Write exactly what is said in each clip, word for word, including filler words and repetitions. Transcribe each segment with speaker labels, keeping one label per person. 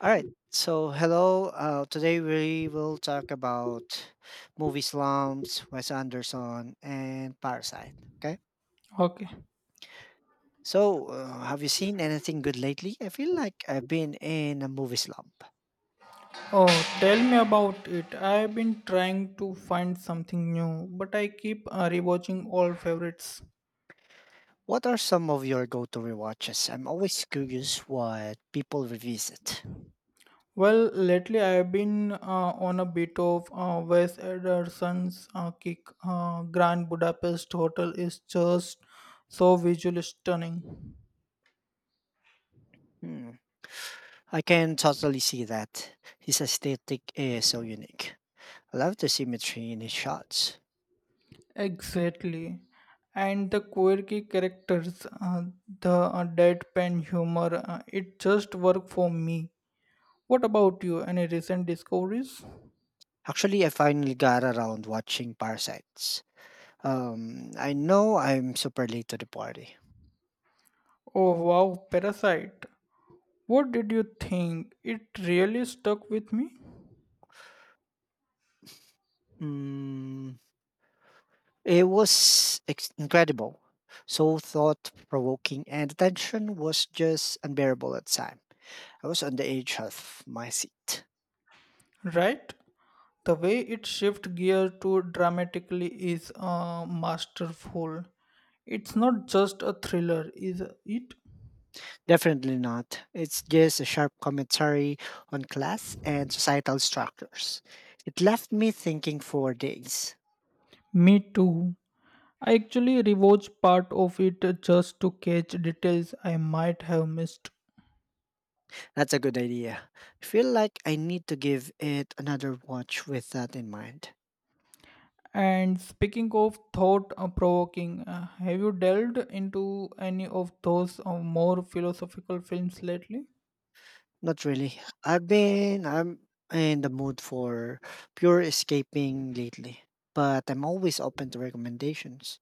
Speaker 1: All right. So, hello. Uh, today we will talk about movie slumps, Wes Anderson, and Parasite. Okay.
Speaker 2: Okay.
Speaker 1: So, uh, have you seen anything good lately? I feel like I've been in a movie slump.
Speaker 2: Oh, tell me about it. I've been trying to find something new, but I keep uh, rewatching all favorites.
Speaker 1: What are some of your go-to rewatches? I'm always curious what people revisit.
Speaker 2: Well, lately I've been uh, on a bit of uh, Wes Anderson's uh, kick. Uh, Grand Budapest Hotel is just so visually stunning.
Speaker 1: Hmm. I can totally see that. His aesthetic is so unique. I love the symmetry in his shots.
Speaker 2: Exactly. And the quirky characters, uh, the uh, deadpan humor, uh, it just worked for me. What about you? Any recent discoveries?
Speaker 1: Actually, I finally got around watching Parasites. Um, I know I'm super late to the party.
Speaker 2: Oh wow, Parasite. What did you think? It really stuck with me,
Speaker 1: Mm, it was ex- incredible, so thought provoking, and the tension was just unbearable at the time. I was on the edge of my seat.
Speaker 2: right? The way it shift gear to dramatically is uh, masterful. It's not just a thriller, is it?
Speaker 1: Definitely not. It's just a sharp commentary on class and societal structures. It left me thinking for days.
Speaker 2: Me too. I actually rewatched part of it just to catch details I might have missed.
Speaker 1: That's a good idea. I feel like I need to give it another watch with that in mind.
Speaker 2: And speaking of thought uh, provoking, uh, have you delved into any of those uh, more philosophical films lately?
Speaker 1: Not really. I've been I'm in the mood for pure escaping lately, but I'm always open to recommendations.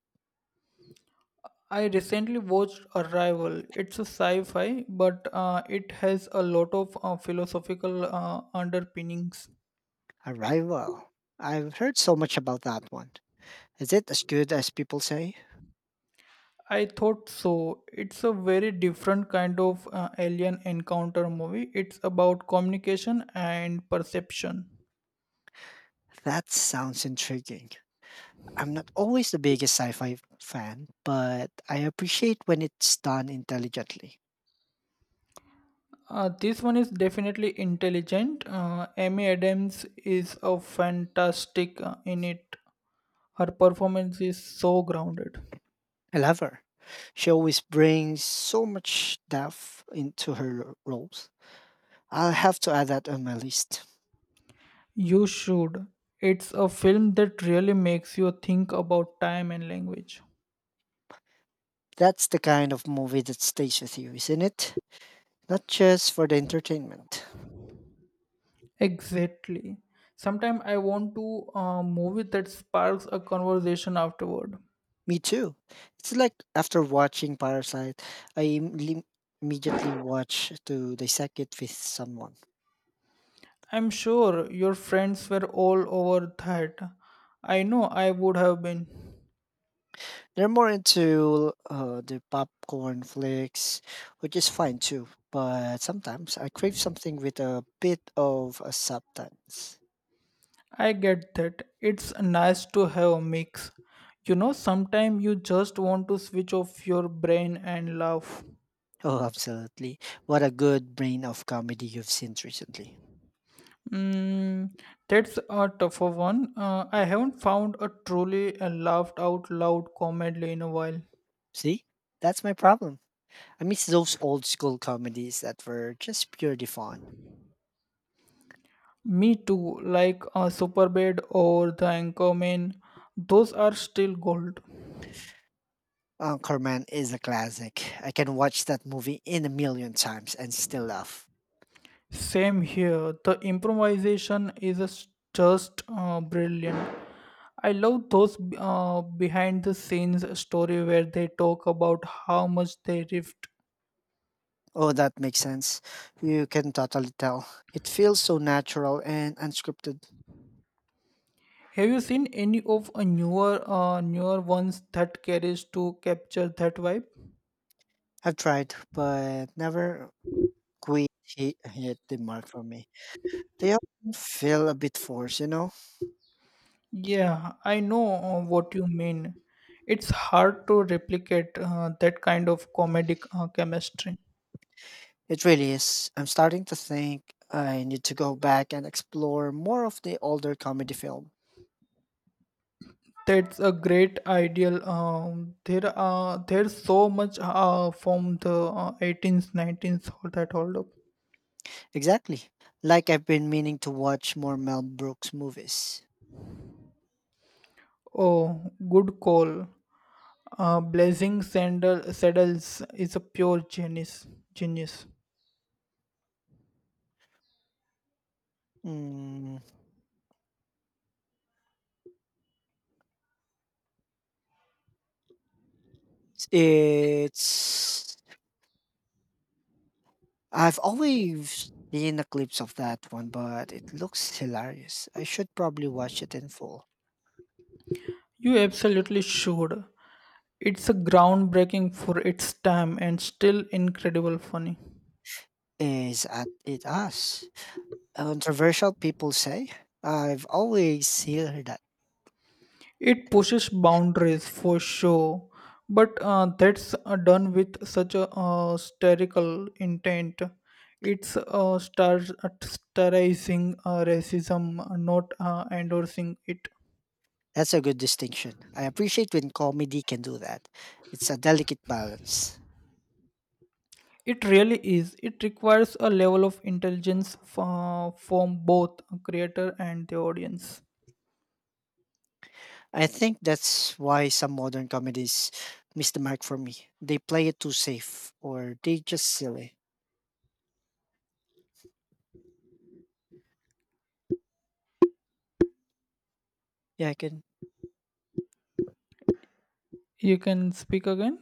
Speaker 2: I recently watched Arrival. It's a sci-fi, but uh, it has a lot of uh, philosophical uh, underpinnings.
Speaker 1: Arrival. I've heard so much about that one. Is it as good as people say?
Speaker 2: I thought so. It's a very different kind of uh, alien encounter movie. It's about communication and perception.
Speaker 1: That sounds intriguing. I'm not always the biggest sci-fi fan, but I appreciate when it's done intelligently.
Speaker 2: Uh, this one is definitely intelligent. Uh, Amy Adams is a fantastic uh, in it. Her performance is so grounded.
Speaker 1: I love her. She always brings so much depth into her roles. I'll have to add that on my list.
Speaker 2: You should. It's a film that really makes you think about time and language.
Speaker 1: That's the kind of movie that stays with you, isn't it? Not just for the entertainment.
Speaker 2: Exactly. Sometimes I want to a movie that sparks a conversation afterward.
Speaker 1: Me too. It's like after watching Parasite, I im- immediately watch to dissect it with someone.
Speaker 2: I'm sure your friends were all over that. I know I would have been.
Speaker 1: They're more into uh, the popcorn flicks, which is fine too. But sometimes I crave something with a bit of a substance.
Speaker 2: I get that. It's nice to have a mix. You know, sometimes you just want to switch off your brain and laugh.
Speaker 1: Oh, absolutely. What a good brain of comedy you've seen recently.
Speaker 2: Mm, that's a tougher one. Uh, I haven't found a truly uh, laughed out loud comedy in a while.
Speaker 1: See? That's my problem. I miss those old school comedies that were just purely fun.
Speaker 2: Me too, like a Superbad or The Anchorman. Those are still gold.
Speaker 1: Anchorman is a classic. I can watch that movie in a million times and still laugh.
Speaker 2: Same here. The improvisation is a s- just uh, brilliant. I love those uh, behind the scenes story where they talk about how much they riffed.
Speaker 1: Oh, that makes sense. You can totally tell. It feels so natural and unscripted.
Speaker 2: Have you seen any of a newer uh, newer ones that carries to capture that vibe?
Speaker 1: I've tried, but never quite hit, hit the mark for me. They often feel a bit forced, you know?
Speaker 2: Yeah, I know uh, what you mean. It's hard to replicate uh, that kind of comedic uh, chemistry.
Speaker 1: It really is. I'm starting to think I need to go back and explore more of the older comedy films.
Speaker 2: That's a great ideal. Um, there are there's so much uh, from the uh, eighteenth, nineteenth all that hold up.
Speaker 1: Exactly. Like I've been meaning to watch more Mel Brooks movies.
Speaker 2: Oh, good call. Uh, Blazing Sandal Saddles is a pure genius. Genius.
Speaker 1: Mm, it's I've always seen the clips of that one, but it looks hilarious. I should probably watch it in full.
Speaker 2: You absolutely should. It's a groundbreaking for its time and still incredible funny.
Speaker 1: Is at it us? Controversial people say. I've always heard that.
Speaker 2: It pushes boundaries for sure, but uh, that's uh, done with such a uh, hysterical intent. It's uh, star- satirizing uh, racism, uh, not uh, endorsing it.
Speaker 1: That's a good distinction. I appreciate when comedy can do that. It's a delicate balance.
Speaker 2: It really is. It requires a level of intelligence f- uh, from both creator and the audience.
Speaker 1: I think that's why some modern comedies miss the mark for me. They play it too safe or they just silly. Yeah, I can.
Speaker 2: You can speak again.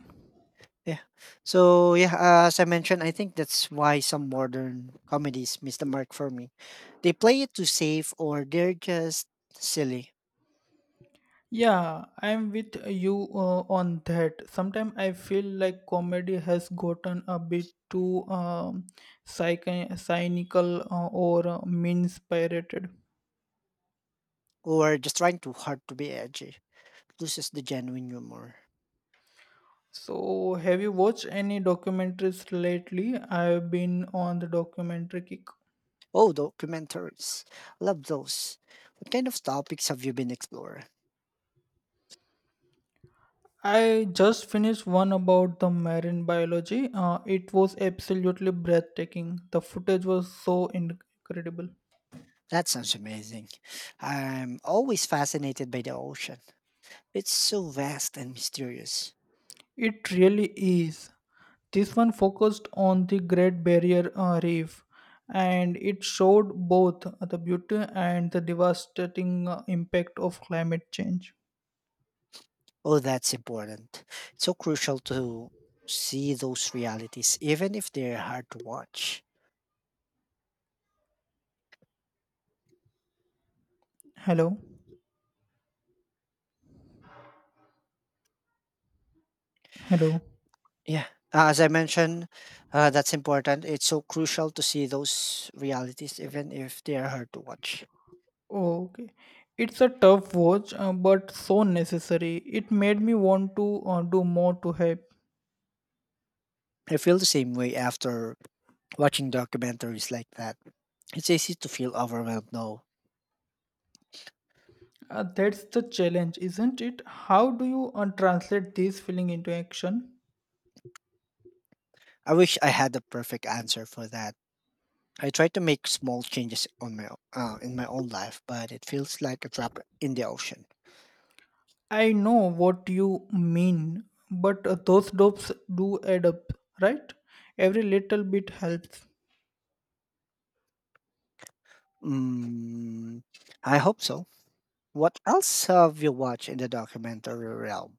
Speaker 1: Yeah. So, yeah, uh, as I mentioned, I think that's why some modern comedies miss the mark for me. They play it too safe or they're just silly
Speaker 2: Yeah, I'm with you uh, on that. Sometimes I feel like comedy has gotten a bit too um, psych- cynical uh, or uh, mean spirited.
Speaker 1: or just trying too hard to be edgy. Loses the genuine humor.
Speaker 2: So, have you watched any documentaries lately? I've been on the documentary kick.
Speaker 1: Oh, documentaries. Love those. What kind of topics have you been exploring?
Speaker 2: I just finished one about the marine biology. Uh, it was absolutely breathtaking. The footage was so incredible.
Speaker 1: That sounds amazing. I'm always fascinated by the ocean. It's so vast and mysterious.
Speaker 2: It really is. This one focused on the Great Barrier uh, Reef and it showed both the beauty and the devastating uh, impact of climate change.
Speaker 1: Oh, that's important. It's so crucial to see those realities, even if they're hard to watch.
Speaker 2: Hello? Hello?
Speaker 1: Yeah. Uh, As I mentioned, uh, that's important. It's so crucial to see those realities, even if they are hard to watch.
Speaker 2: Okay. It's a tough watch, uh, but so necessary. It made me want to uh, do more to help.
Speaker 1: I feel the same way after watching documentaries like that. It's easy to feel overwhelmed. No,
Speaker 2: Uh, that's the challenge, isn't it? How do you uh, translate this feeling into action?
Speaker 1: I wish I had the perfect answer for that. I try to make small changes on my o- uh, in my own life, but it feels like a drop in the ocean.
Speaker 2: I know what you mean, but uh, those dopes do add up, right? Every little bit helps.
Speaker 1: Mm, I hope so. What else have you watched in the documentary realm?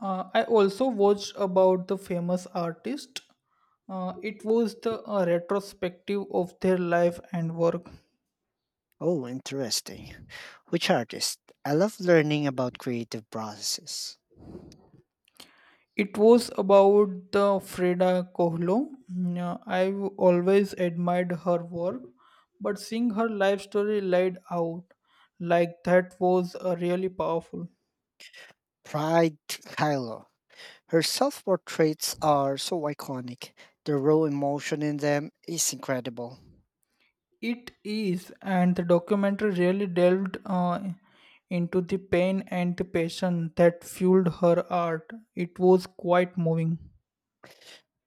Speaker 2: Uh, I also watched about the famous artist. Uh, it was the uh, retrospective of their life and work.
Speaker 1: Oh, interesting. Which artist? I love learning about creative processes.
Speaker 2: It was about the Frida Kahlo. Mm, uh, I've always admired her work, but seeing her life story laid out like that was uh, really powerful.
Speaker 1: Pride Kylo. Her self portraits are so iconic. The raw emotion in them is incredible.
Speaker 2: It is, and the documentary really delved uh, into the pain and the passion that fueled her art. It was quite moving.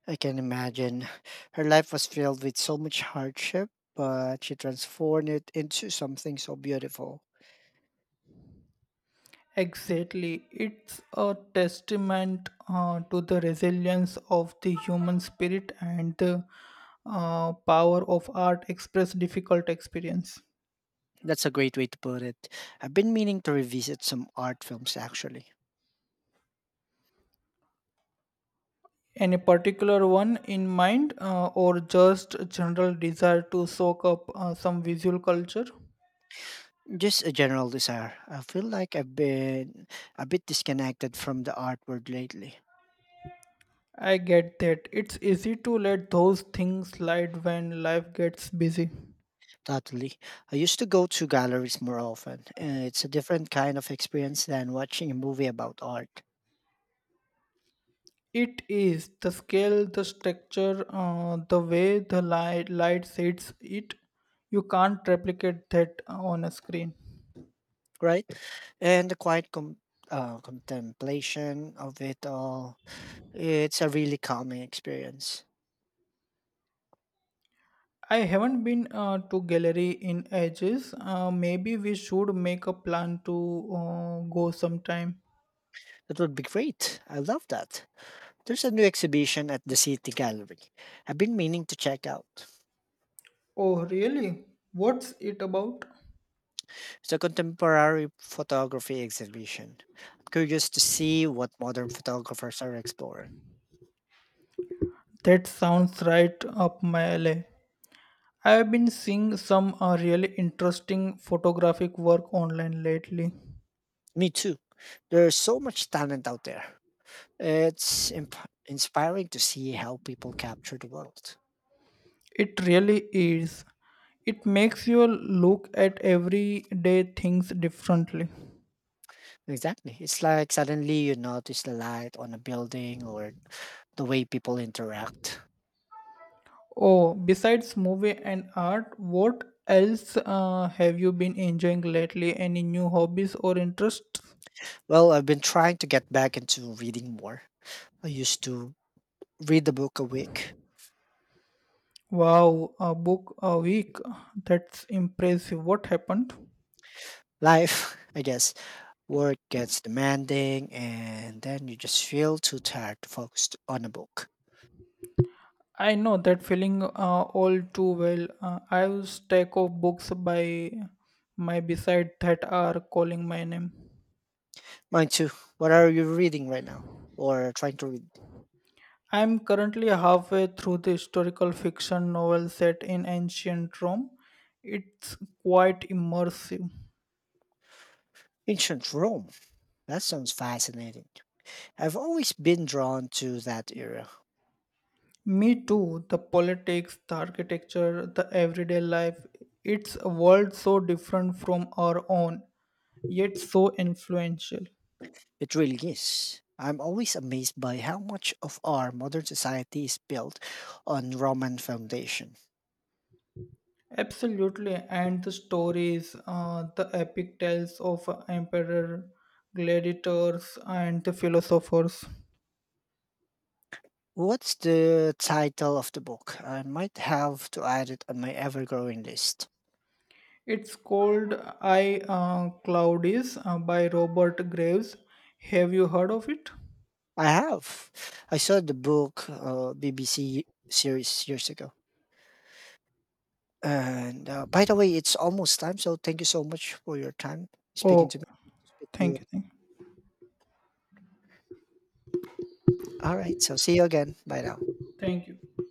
Speaker 1: I can imagine. Her life was filled with so much hardship, but she transformed it into something so beautiful.
Speaker 2: Exactly. It's a testament uh, to the resilience of the human spirit and the uh, power of art express difficult experience.
Speaker 1: That's a great way to put it. I've been meaning to revisit some art films actually.
Speaker 2: Any particular one in mind, uh, or just general desire to soak up uh, some visual culture?
Speaker 1: Just a general desire. I feel like I've been a bit disconnected from the art world lately.
Speaker 2: I get that. It's easy to let those things slide when life gets busy.
Speaker 1: Totally. I used to go to galleries more often. Uh, It's a different kind of experience than watching a movie about art,
Speaker 2: It is the scale, the structure, uh, the way the light, light sets it. You can't replicate that on a screen.
Speaker 1: right? And the quiet com- uh, contemplation of it all. It's a really calming experience.
Speaker 2: I haven't been uh, to gallery in ages. Uh, maybe we should make a plan to uh, go sometime.
Speaker 1: That would be great. I love that. There's a new exhibition at the City Gallery. I've been meaning to check out.
Speaker 2: Oh, really? What's it about?
Speaker 1: It's a contemporary photography exhibition. I'm curious to see what modern photographers are exploring.
Speaker 2: That sounds right up my alley. I have been seeing some uh, really interesting photographic work online lately.
Speaker 1: Me too. There's so much talent out there. It's imp- inspiring to see how people capture the world.
Speaker 2: It really is. It makes you look at everyday things differently.
Speaker 1: Exactly. It's like suddenly you notice the light on a building or the way people interact.
Speaker 2: Oh, besides movie and art, what else uh, have you been enjoying lately? Any new hobbies or interests?
Speaker 1: Well, I've been trying to get back into reading more. I used to read a book a week.
Speaker 2: Wow, a book a week. That's impressive. What happened?
Speaker 1: Life, I guess, work gets demanding, and then you just feel too tired to focus on a book.
Speaker 2: I know that feeling uh, all too well. Uh, I have a stack of books by my beside that are calling my name.
Speaker 1: Mine too. What are you reading right now? Or trying to read?
Speaker 2: I am currently halfway through the historical fiction novel set in ancient Rome. It's quite immersive.
Speaker 1: Ancient Rome. That sounds fascinating. I've always been drawn to that era.
Speaker 2: Me too, the politics, the architecture, the everyday life. It's a world so different from our own, yet so influential.
Speaker 1: It really is. I'm always amazed by how much of our modern society is built on Roman foundation.
Speaker 2: Absolutely, and the stories, uh, the epic tales of emperor, gladiators, and the philosophers.
Speaker 1: What's the title of the book? I might have to add it on my ever-growing list.
Speaker 2: It's called I uh, Claudius uh, by Robert Graves. Have you heard of it?
Speaker 1: I have. I saw the book uh, B B C series years ago. And uh, by the way, it's almost time. So thank you so much for your time speaking
Speaker 2: Oh,
Speaker 1: to me. Speak to you.
Speaker 2: thank you, thank you,
Speaker 1: All right. So see you again. Bye now.
Speaker 2: thank you.